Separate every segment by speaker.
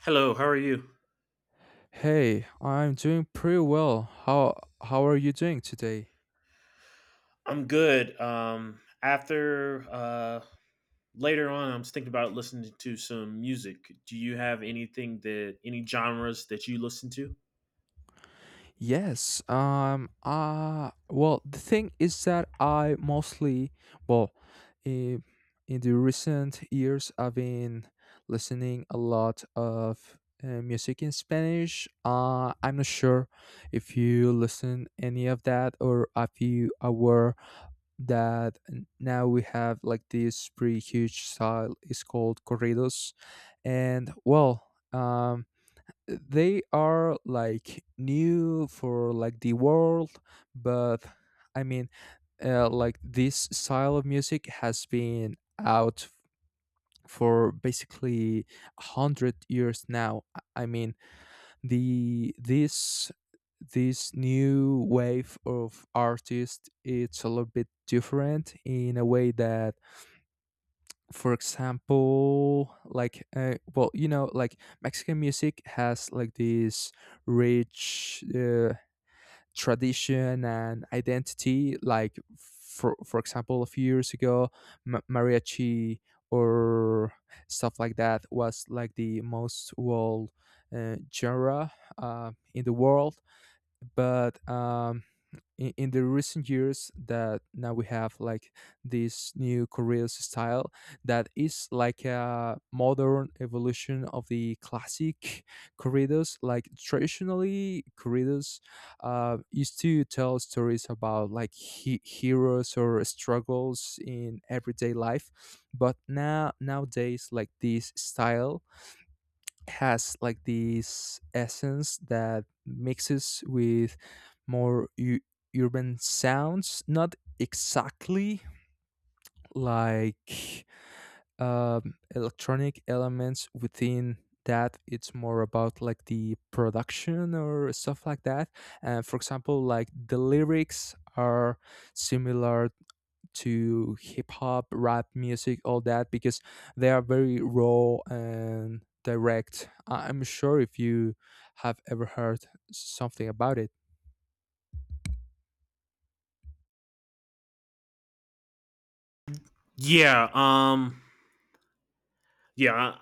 Speaker 1: Hello, how are you?
Speaker 2: Hey, I'm doing pretty well. How are you doing today?
Speaker 1: I'm good. After Later on, I was thinking about listening to some music. Do you have anything that any genres that you listen to?
Speaker 2: Yes, well, the thing is that I mostly well, in, in the recent years I've been listening a lot of music in Spanish. Uh, I'm not sure if you listen any of that or if you aware that now we have like this pretty huge style is called corridos, and they are like new for like the world, but i mean like this style of music has been out for basically 100 years now. I mean the this this new wave of artists, it's a little bit different in a way that, for example, like well, you know, like Mexican music has like this rich tradition and identity. Like, for example, a few years ago, mariachi or stuff like that was like the most, well, genre in the world. But in the recent years, that now we have like this new Korean style that is like a modern evolution of the classic corridos. Like, traditionally, corridos used to tell stories about like heroes or struggles in everyday life, but now nowadays like this style has like this essence that mixes with more urban sounds, not exactly like electronic elements, within that it's more about like the production or stuff like that. And, for example, like the lyrics are similar to hip hop, rap music, all that, because they are very raw and direct. I- I'm sure if you have ever heard something about it.
Speaker 1: Yeah. Yeah. I-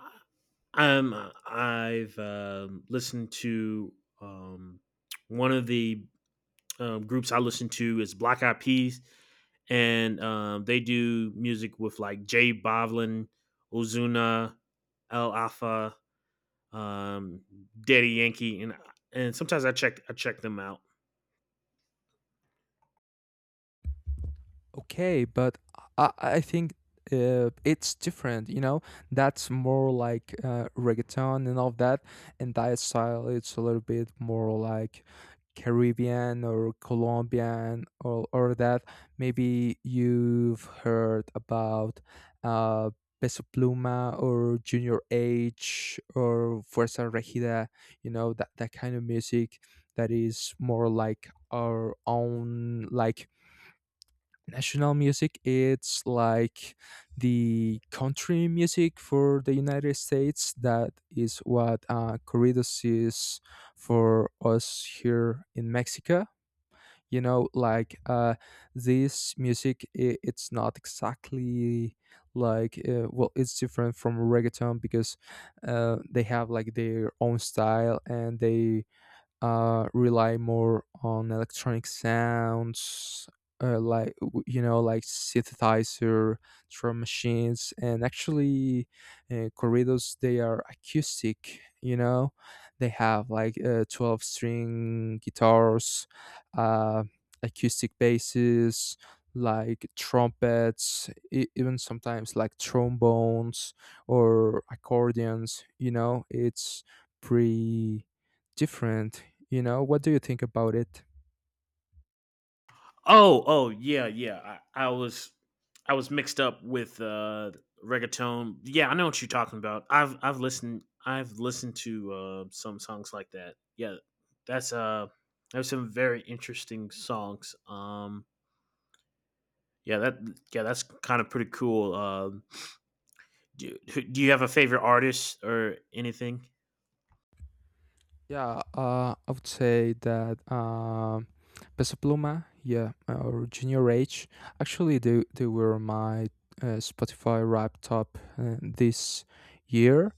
Speaker 1: I'm. I've listened to um one of the groups I listen to is Black Eyed Peas, and they do music with like Jay Boblin, Ozuna, El Alpha, um, Daddy Yankee, and sometimes I check them out.
Speaker 2: Okay, but I think it's different, you know. That's more like reggaeton and all of that, and that style it's a little bit more like Caribbean or Colombian, or that. Maybe you've heard about uh, Peso Pluma or Junior H or Fuerza Regida, you know, that kind of music, that is more like our own, like, national music. It's like the country music for the United States, that is what corridos is for us here in Mexico. You know, like, this music I it's not exactly like well, it's different from reggaeton because they have like their own style, and they rely more on electronic sounds, you know, like synthesizer, drum machines, and actually, corridos, they are acoustic. You know, they have like 12 string guitars, uh, acoustic basses, like trumpets, even sometimes like trombones or accordions. You know, it's pretty different. You know, what do you think about it?
Speaker 1: Oh, oh yeah, yeah. I, I was I was mixed up with reggaeton. Yeah, I know what you're talking about. I've listened to some songs like that. Yeah, that's there's some very interesting songs. Yeah, that yeah that's kind of pretty cool. Do you have a favorite artist or anything?
Speaker 2: Yeah, I would say that Peso Pluma, yeah, or Junior H, actually they were my Spotify rap top this year.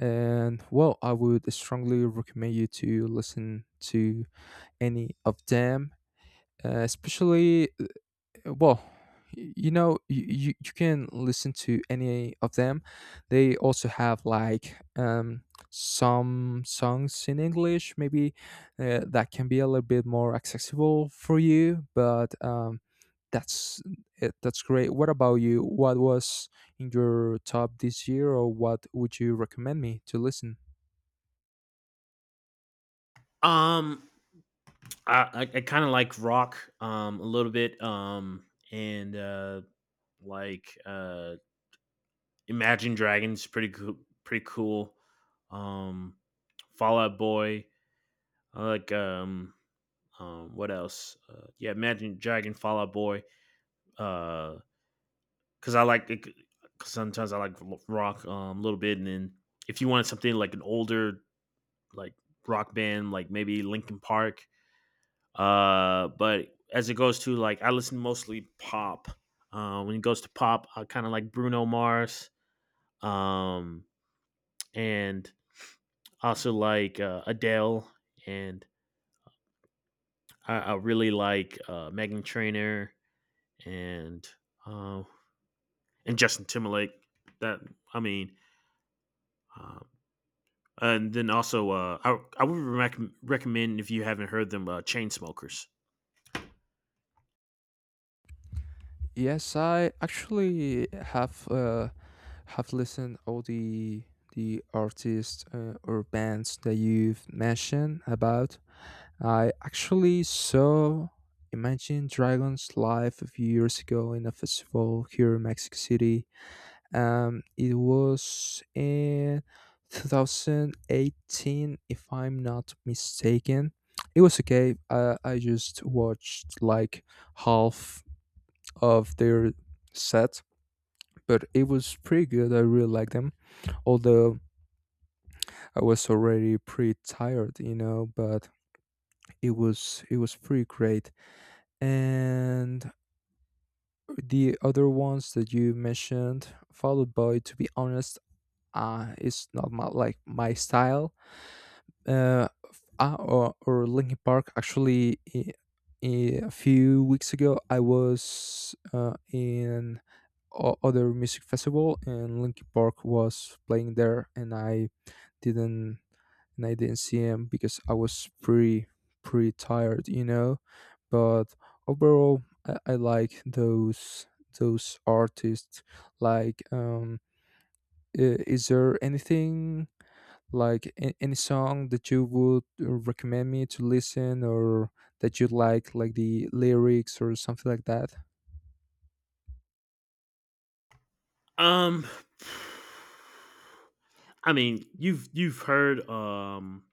Speaker 2: And, well, I would strongly recommend you to listen to any of them, especially, well, you know, you can listen to any of them. They also have like some songs in English, maybe, that can be a little bit more accessible for you. But that's it. That's great. What about you? What was in your top this year, or what would you recommend me to listen?
Speaker 1: Um, I kind of like rock a little bit, and like Imagine Dragons, pretty cool. um Fallout Boy. I like what else? Yeah Imagine Dragon, Fallout Boy, uh cuz I like it, 'cause sometimes I like rock a little bit. And then if you wanted something like an older, like, rock band, like maybe Linkin Park. But as it goes to, like, I listen mostly pop. When it goes to pop, I kind of like Bruno Mars, um, and also like Adele, and I really like Meghan Trainor, and uh, and Justin Timberlake. That I mean, um, and then also, I would recommend if you haven't heard them, Chainsmokers.
Speaker 2: Yes, I actually have listened all the artists or bands that you've mentioned about. I actually saw Imagine Dragons live a few years ago in a festival here in Mexico City. It was in 2018, if I'm not mistaken. It was okay. I just watched like half of their set, but it was pretty good. I really liked them, although I was already pretty tired, you know. But it was pretty great. And the other ones that you mentioned, Fall Out Boy. To be honest, it's not my, like, my style. uh, or Linkin Park. Actually, a few weeks ago, I was in other music festival, and Linkin Park was playing there, and I didn't, and I didn't see him because I was pretty tired, you know. But overall, I like those artists like is there anything like any song that you would recommend me to listen, or that you like the lyrics or something like that?
Speaker 1: Um, I mean, you've heard. Um,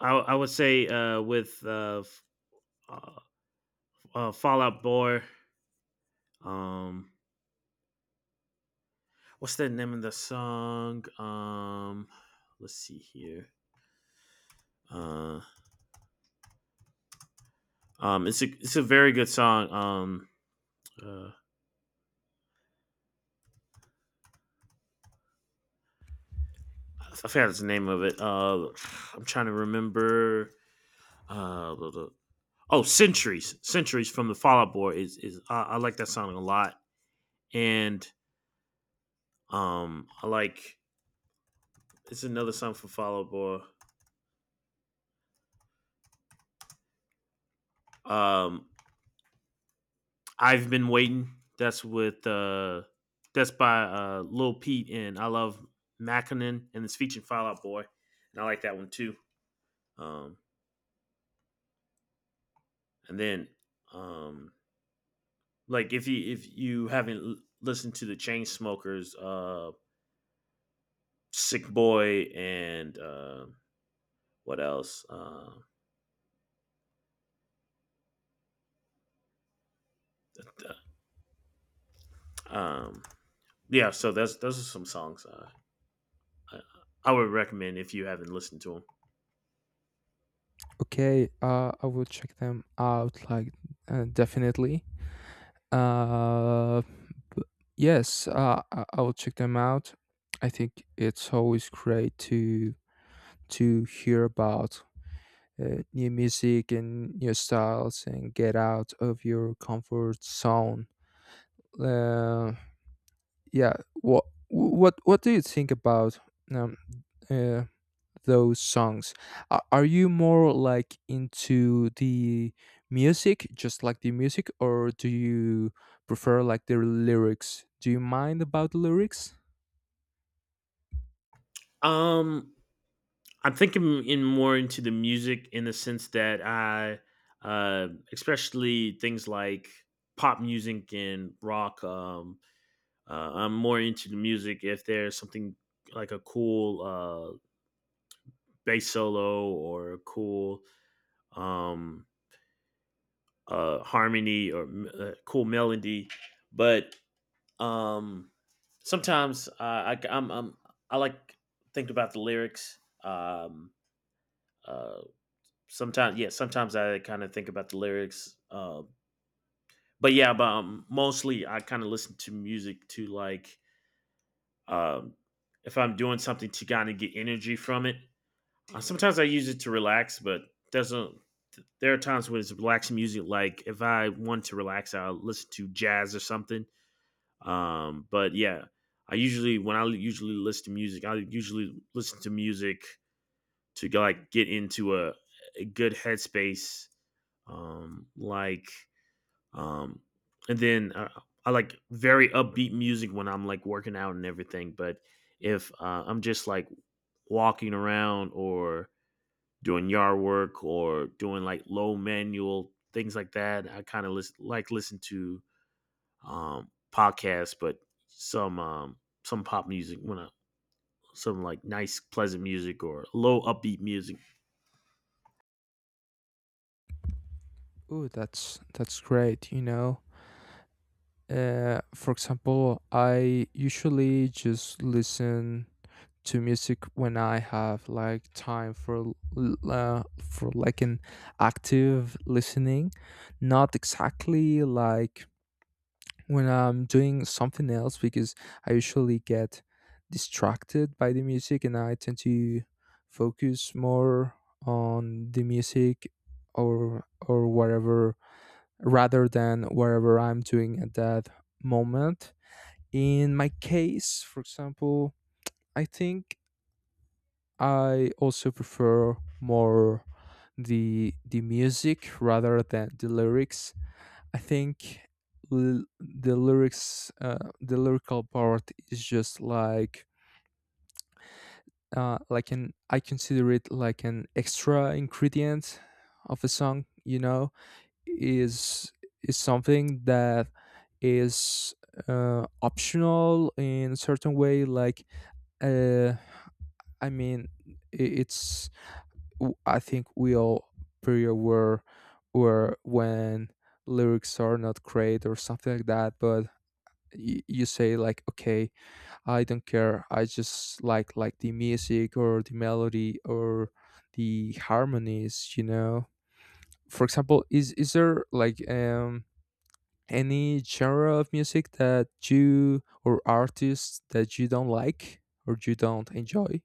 Speaker 1: I I would say uh, Fallout Boy. Um, what's the name of the song? Let's see here. Uh, it's a very good song. Uh, I forgot the name of it. I'm trying to remember. Uh, the- the- oh, Centuries from the Fallout Boy is, I like that song a lot. And I like, it's another song from Fallout Boy, Um, I've Been Waiting. That's by Lil Pete and I Love Mackinnon, and it's featuring Fallout Boy, and I like that one too. Um, and then um, Like, if you haven't listened to the Chainsmokers, Sick Boy, and what else? Uh, um, yeah, so that's those are some songs I, I would recommend if you haven't listened to
Speaker 2: Okay. I will check them out, like, definitely. uh b- yes, I will check them out. I think it's always great to hear about new music and new styles and get out of your comfort zone. Uh, yeah, what do you think about um, uh, those songs? Are you more like into the music, just like the music, or do you prefer like the lyrics? Do you mind about the lyrics?
Speaker 1: them. I'm thinking in more into the music in the sense that uh, especially things like pop music and rock. I'm more into the music if there's something like a cool bass solo or a cool um, harmony or cool melody. But um, sometimes I'm, I like think about the lyrics. Uh, Sometimes, yeah, sometimes I kind of think about the lyrics. But mostly I kind of listen to music to like, um, if I'm doing something, to kind of get energy from it. Sometimes I use it to relax, but there's a there are times when it's relaxing music. Like if I want to relax, I'll listen to jazz or something. Um, but yeah, I usually, when I usually listen to music, I usually listen to music to go, like, get into a good headspace. Like um, and then I like very upbeat music when I'm like working out and everything. But if I'm just like walking around or doing yard work or doing like low manual things like that, I kind of listen, like, listen to podcasts, but some um, some pop music when I, some like nice pleasant music or low upbeat music.
Speaker 2: Oh, that's great. You know, for example, I usually just listen to music when I have like time for for like an active listening, not exactly like when I'm doing something else, because I usually get distracted by the music and I tend to focus more on the music or whatever, rather than whatever I'm doing at that moment. In my case, for example, I think I also prefer more the music rather than the lyrics. I think, the lyrics, the lyrical part is just like an I consider it like an extra ingredient of a song. You know, is is something that is optional in a certain way. Like, uh, I mean, i- it's I think we all pretty aware where when lyrics are not great or something like that, but you say like, okay, I don't care, I just like the music or the melody or the harmonies, you know. For example, is there like any genre of music that you, or artists that you don't like or you don't enjoy?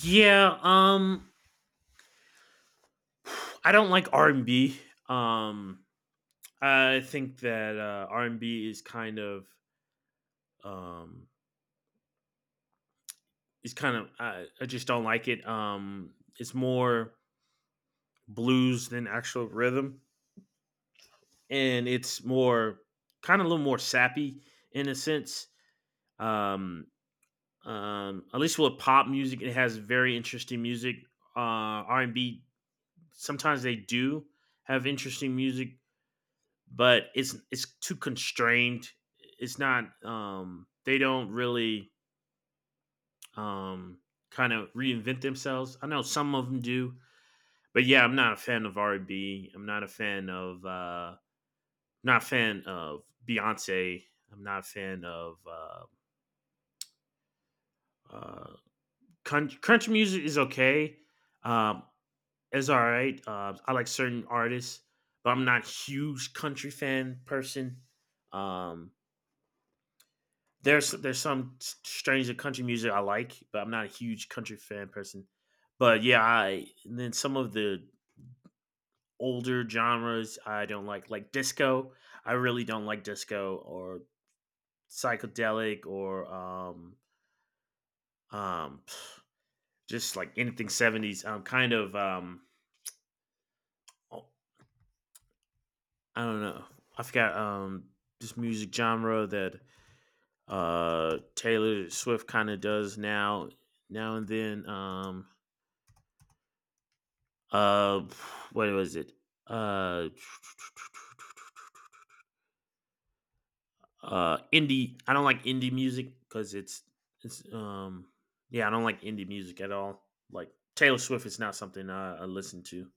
Speaker 1: Yeah, I don't like R and B. Um, I think that R and B is kind of um, it's kind of, I just don't like it. It's more blues than actual rhythm, and it's more kind of a little more sappy in a sense. Um, at least with pop music, it has very interesting music. R and B sometimes they do have interesting music, but it's too constrained. It's not. They don't really um, kind of reinvent themselves. I know some of them do, but yeah, I'm not a fan of R and B. I'm not a fan of not a fan of Beyonce. I'm not a fan of uh, country music is okay. Um, it's all right. I like certain artists, but I'm not a huge country fan person. Um, there's some strains of country music I like, but I'm not a huge country fan person. But yeah, I and then some of the older genres I don't like disco. I really don't like disco or psychedelic or um just like anything 70s kind of oh, I don't know, I forgot this music genre that Taylor Swift kind of does now now and then. Uh what was it? uh Indie. I don't like indie music because it's yeah, I don't like indie music at all. Like Taylor Swift is not something I listen to.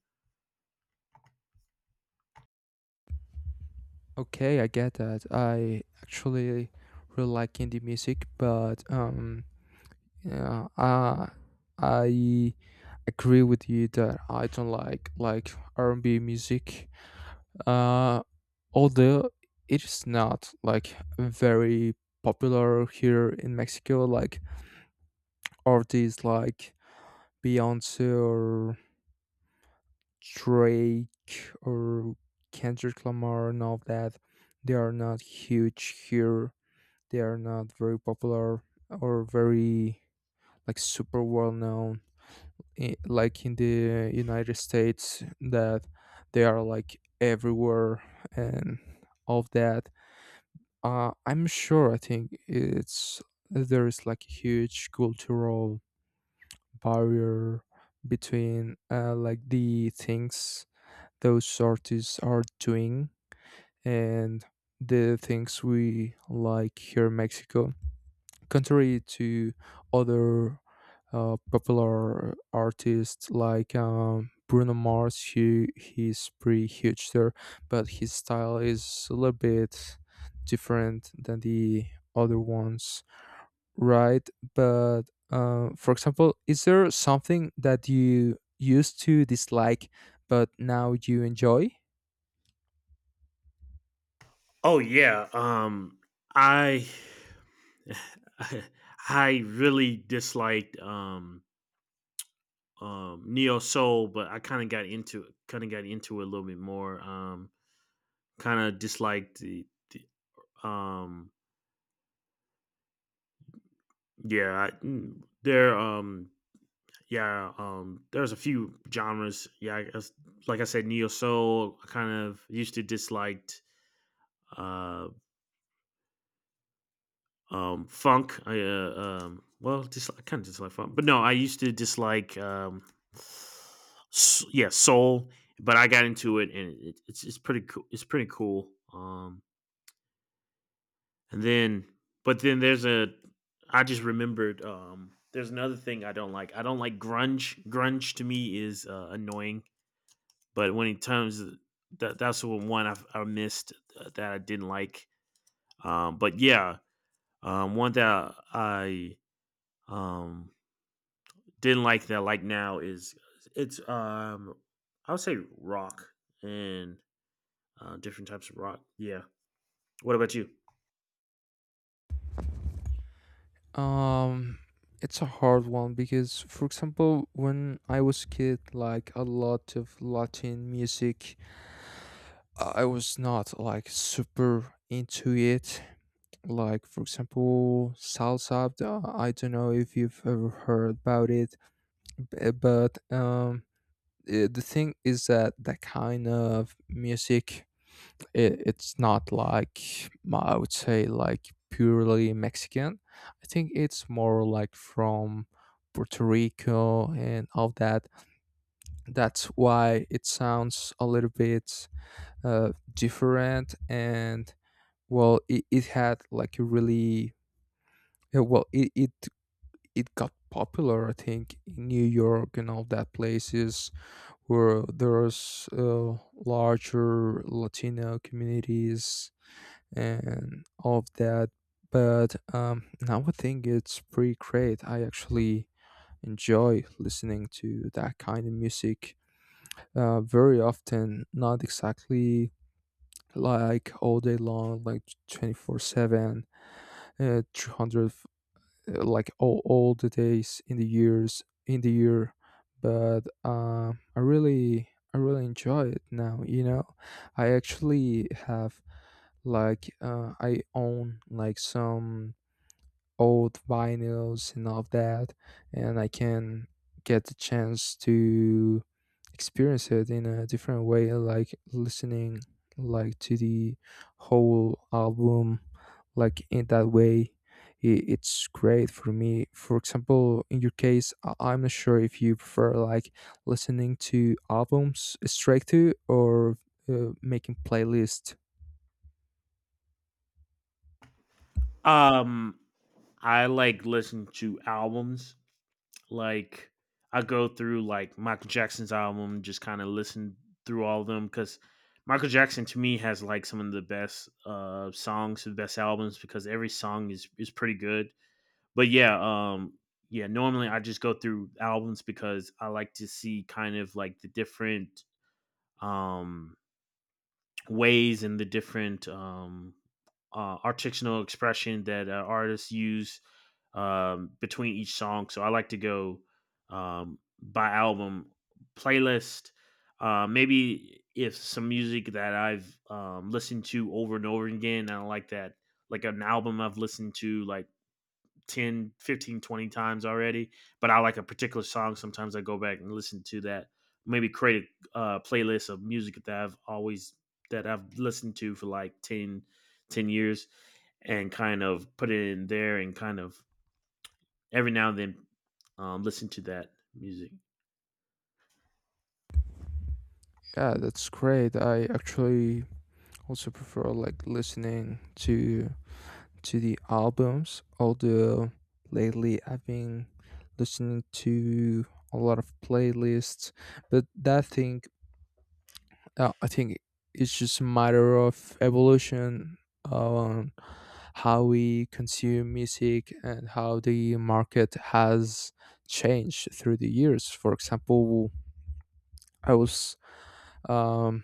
Speaker 2: Okay, I get that. I actually really like indie music, but yeah, I agree with you that I don't like R and B music. Uh, although it is not like very popular here in Mexico, like artists like Beyonce or Drake or Kendrick Lamar and all that, they are not huge here, they are not very popular or very like super well known, like in the United States, that they are like everywhere and all of that. I'm sure, I think it's, there is like a huge cultural barrier between like the things those artists are doing and the things we like here in Mexico, contrary to other popular artists like Bruno Mars, who he's pretty huge there, but his style is a little bit different than the other ones, right? But for example, is there something that you used to dislike but now you enjoy?
Speaker 1: Oh yeah, I I really disliked neo soul, but I kind of got into it, kind of got into it a little bit more. Kind of disliked the um, yeah, I, mm, there yeah, there's a few genres. Like I said, neo soul, I kind of used to disliked. Um, Funk. I Well, just I kind of dislike funk, but no, I used to dislike yeah, soul. But I got into it, and it's pretty cool. It's pretty cool. And then, but then there's a. I just remembered. There's another thing I don't like. I don't like grunge. Grunge to me is annoying. But when it comes, That that's the one I missed, that I didn't like. Um, but yeah, One that I um didn't like that, like, now is, it's I would say rock and different types of rock. Yeah. What about you?
Speaker 2: Um, it's a hard one because, for example, when I was kid, like a lot of Latin music, I was not like super into it. Like, for example, salsa. Uh, I don't know if you've ever heard about it, but the thing is that that kind of music, it's not like I would say like purely Mexican. I think it's more like from Puerto Rico and all that. That's why it sounds a little bit different, and, well, it had like a really yeah, well, it got popular, I think, in New York and all that places where there's larger Latino communities and all of that. But now I think it's pretty great. I actually enjoy listening to that kind of music very often, not exactly like all day long, like 24/7, 300, like all the days in the years, in the year. But I really enjoy it now, you know. I actually have like I own like some old vinyls and all of that, and I can get the chance to experience it in a different way, like listening like to the whole album, like in that way. It's great for me. For example, in your case, I'm not sure if you prefer like listening to albums straight to, or making playlist.
Speaker 1: Um, I like listen to albums. Like, I go through like Michael Jackson's album, just kind of listen through all of them, because Michael Jackson to me has like some of the best songs, the best albums, because every song is pretty good. But yeah, yeah. Normally, I just go through albums because I like to see kind of like the different um, ways and the different articulal expression that artists use between each song. So I like to go by album playlist. Maybe if some music that I've listened to over and over again, I like that, like an album I've listened to like 10, 15, 20 times already, but I like a particular song. Sometimes I go back and listen to that. Maybe create a playlist of music that I've always, that I've listened to for like 10, 10 years, and kind of put it in there and kind of every now and then listen to that music.
Speaker 2: Yeah, that's great. I actually also prefer like listening to the albums, although lately I've been listening to a lot of playlists. But that thing, I think it's just a matter of evolution on how we consume music and how the market has changed through the years. For example, i was um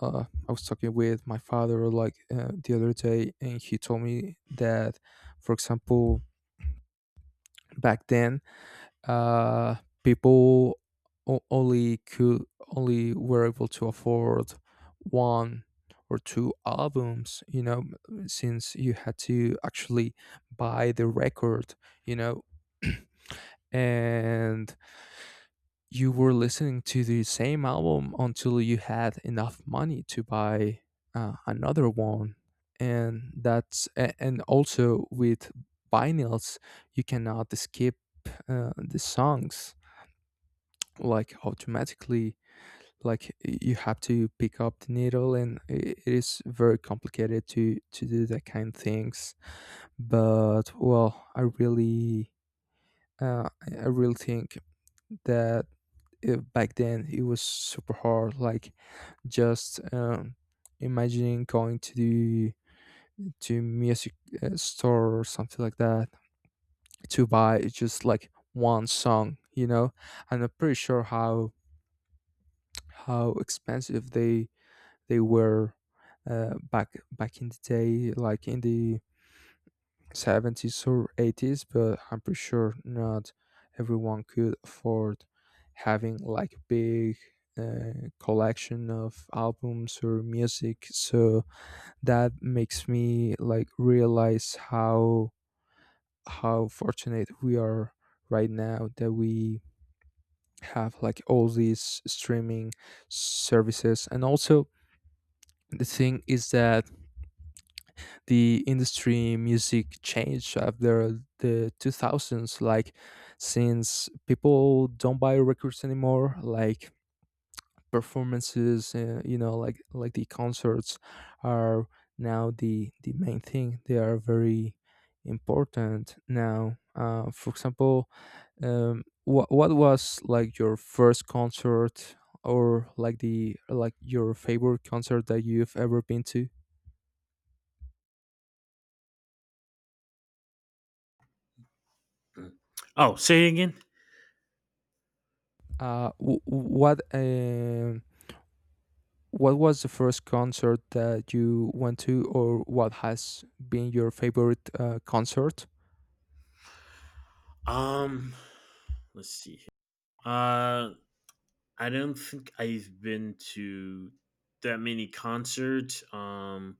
Speaker 2: I was talking with my father like the other day, and he told me that, for example, back then, uh, people o- only could only were able to afford one or two albums, you know, since you had to actually buy the record, you know, and you were listening to the same album until you had enough money to buy another one. And that's and also with vinyls, you cannot skip the songs like automatically. Like, you have to pick up the needle, and it is very complicated to do that kind of things. But, well, I really I really think that back then it was super hard, like, just imagining going to the to music store or something like that to buy just like one song, you know. And I'm pretty sure how expensive they were back in the day, like in the 70s or 80s, but I'm pretty sure not everyone could afford having like a big collection of albums or music. So that makes me like realize how fortunate we are right now, that we have like all these streaming services, and also the thing is that the industry music changed after the 2000s. Like, since people don't buy records anymore, like performances, you know, like the concerts are now the main thing. They are very important now. Uh, for example, what was like your first concert or like the like your favorite concert that you've ever been to?
Speaker 1: Mm. Oh, say it again.
Speaker 2: uh, w- what um What was the first concert that you went to, or what has been your favorite concert?
Speaker 1: Um, let's see. Uh, I don't think I've been to that many concerts.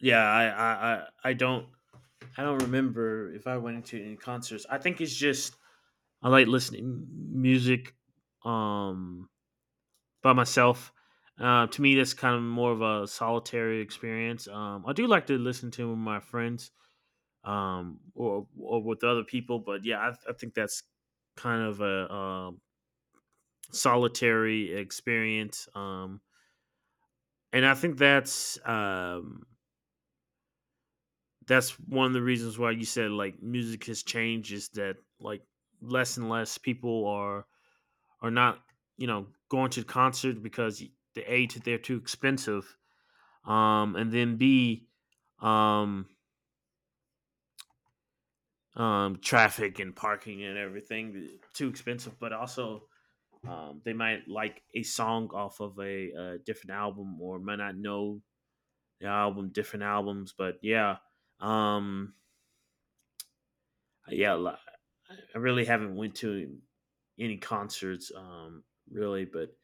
Speaker 1: yeah, I, I, I, I don't, I don't remember if I went into any concerts. I think it's just I like listening music, um, by myself. To me, that's kind of more of a solitary experience. I do like to listen to my friends, or with other people, but yeah, I think that's kind of a, solitary experience. And I think that's one of the reasons why you said like music has changed, is that like less and less people are not you know, going to concerts because, the A, that they're too expensive, and then B, um traffic and parking and everything, too expensive. But also they might like a song off of a, different album, or might not know the album, different albums. But yeah um yeah, I really haven't went to any concerts, really. But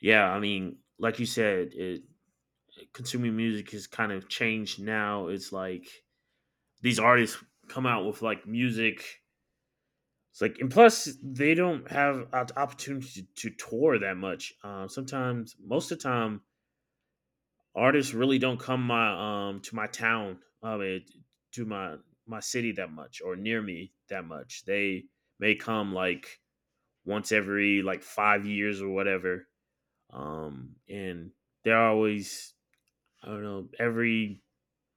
Speaker 1: yeah, I mean, like you said, consuming music has kind of changed now. It's like these artists come out with like music. It's like, and plus they don't have an opportunity to tour that much. Sometimes, most of the time, artists really don't come my to my town, I mean, to my city that much, or near me that much. They may come like once every like 5 years or whatever. And they're always, I don't know, every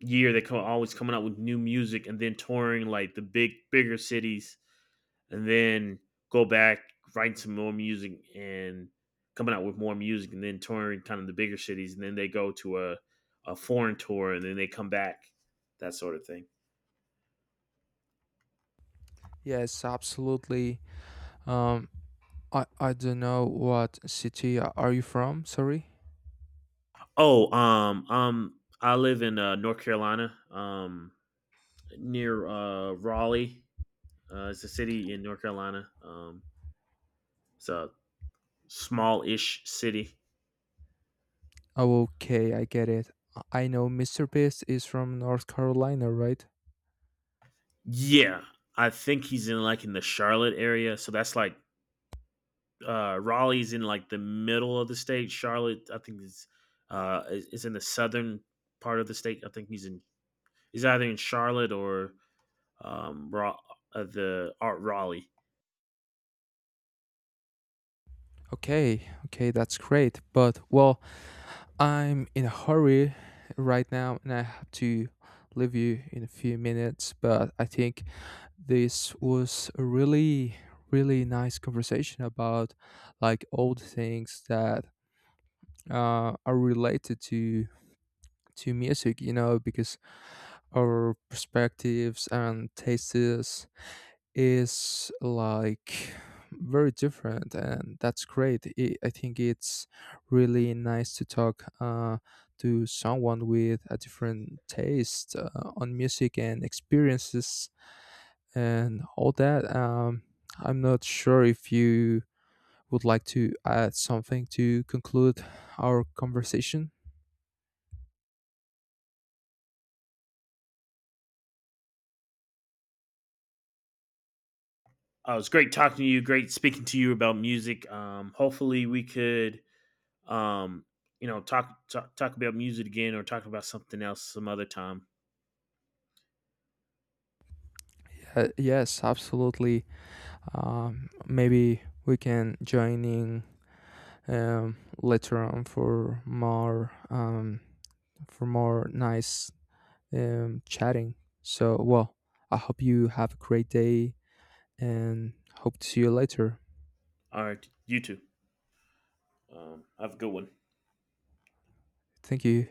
Speaker 1: year they come, always coming out with new music and then touring like the bigger cities, and then go back writing some more music and coming out with more music and then touring kind of the bigger cities, and then they go to a foreign tour, and then they come back, that sort of thing.
Speaker 2: Yes, absolutely. Um, I don't know what city are you from. Sorry.
Speaker 1: Oh um um i live in North Carolina, near Raleigh. It's a city in North Carolina. It's a small-ish city.
Speaker 2: Oh, okay, I get it. I know Mr. Beast is from North Carolina, right?
Speaker 1: Yeah, I think he's in like in the Charlotte area. So that's like Raleigh's in like the middle of the state. Charlotte, I think, is is in the southern part of the state. I think he's in, he's either in Charlotte or um, Ra- the Art Raleigh.
Speaker 2: Okay, okay, that's great. But, well, I'm in a hurry right now, and I have to leave you in a few minutes. But I think this was a really really nice conversation about like old things that are related to music, you know, because our perspectives and tastes is like very different, and that's great. I think it's really nice to talk to someone with a different taste on music and experiences and all that. I'm not sure if you would like to add something to conclude our conversation.
Speaker 1: It was great talking to you. Great speaking to you about music. Hopefully we could, Um, you know, talk about music again, or talk about something else some other time.
Speaker 2: Yes, absolutely. Maybe we can join in later on for more nice chatting. So, well, I hope you have a great day and hope to see you later.
Speaker 1: All right, you two. Have a good one.
Speaker 2: Thank you.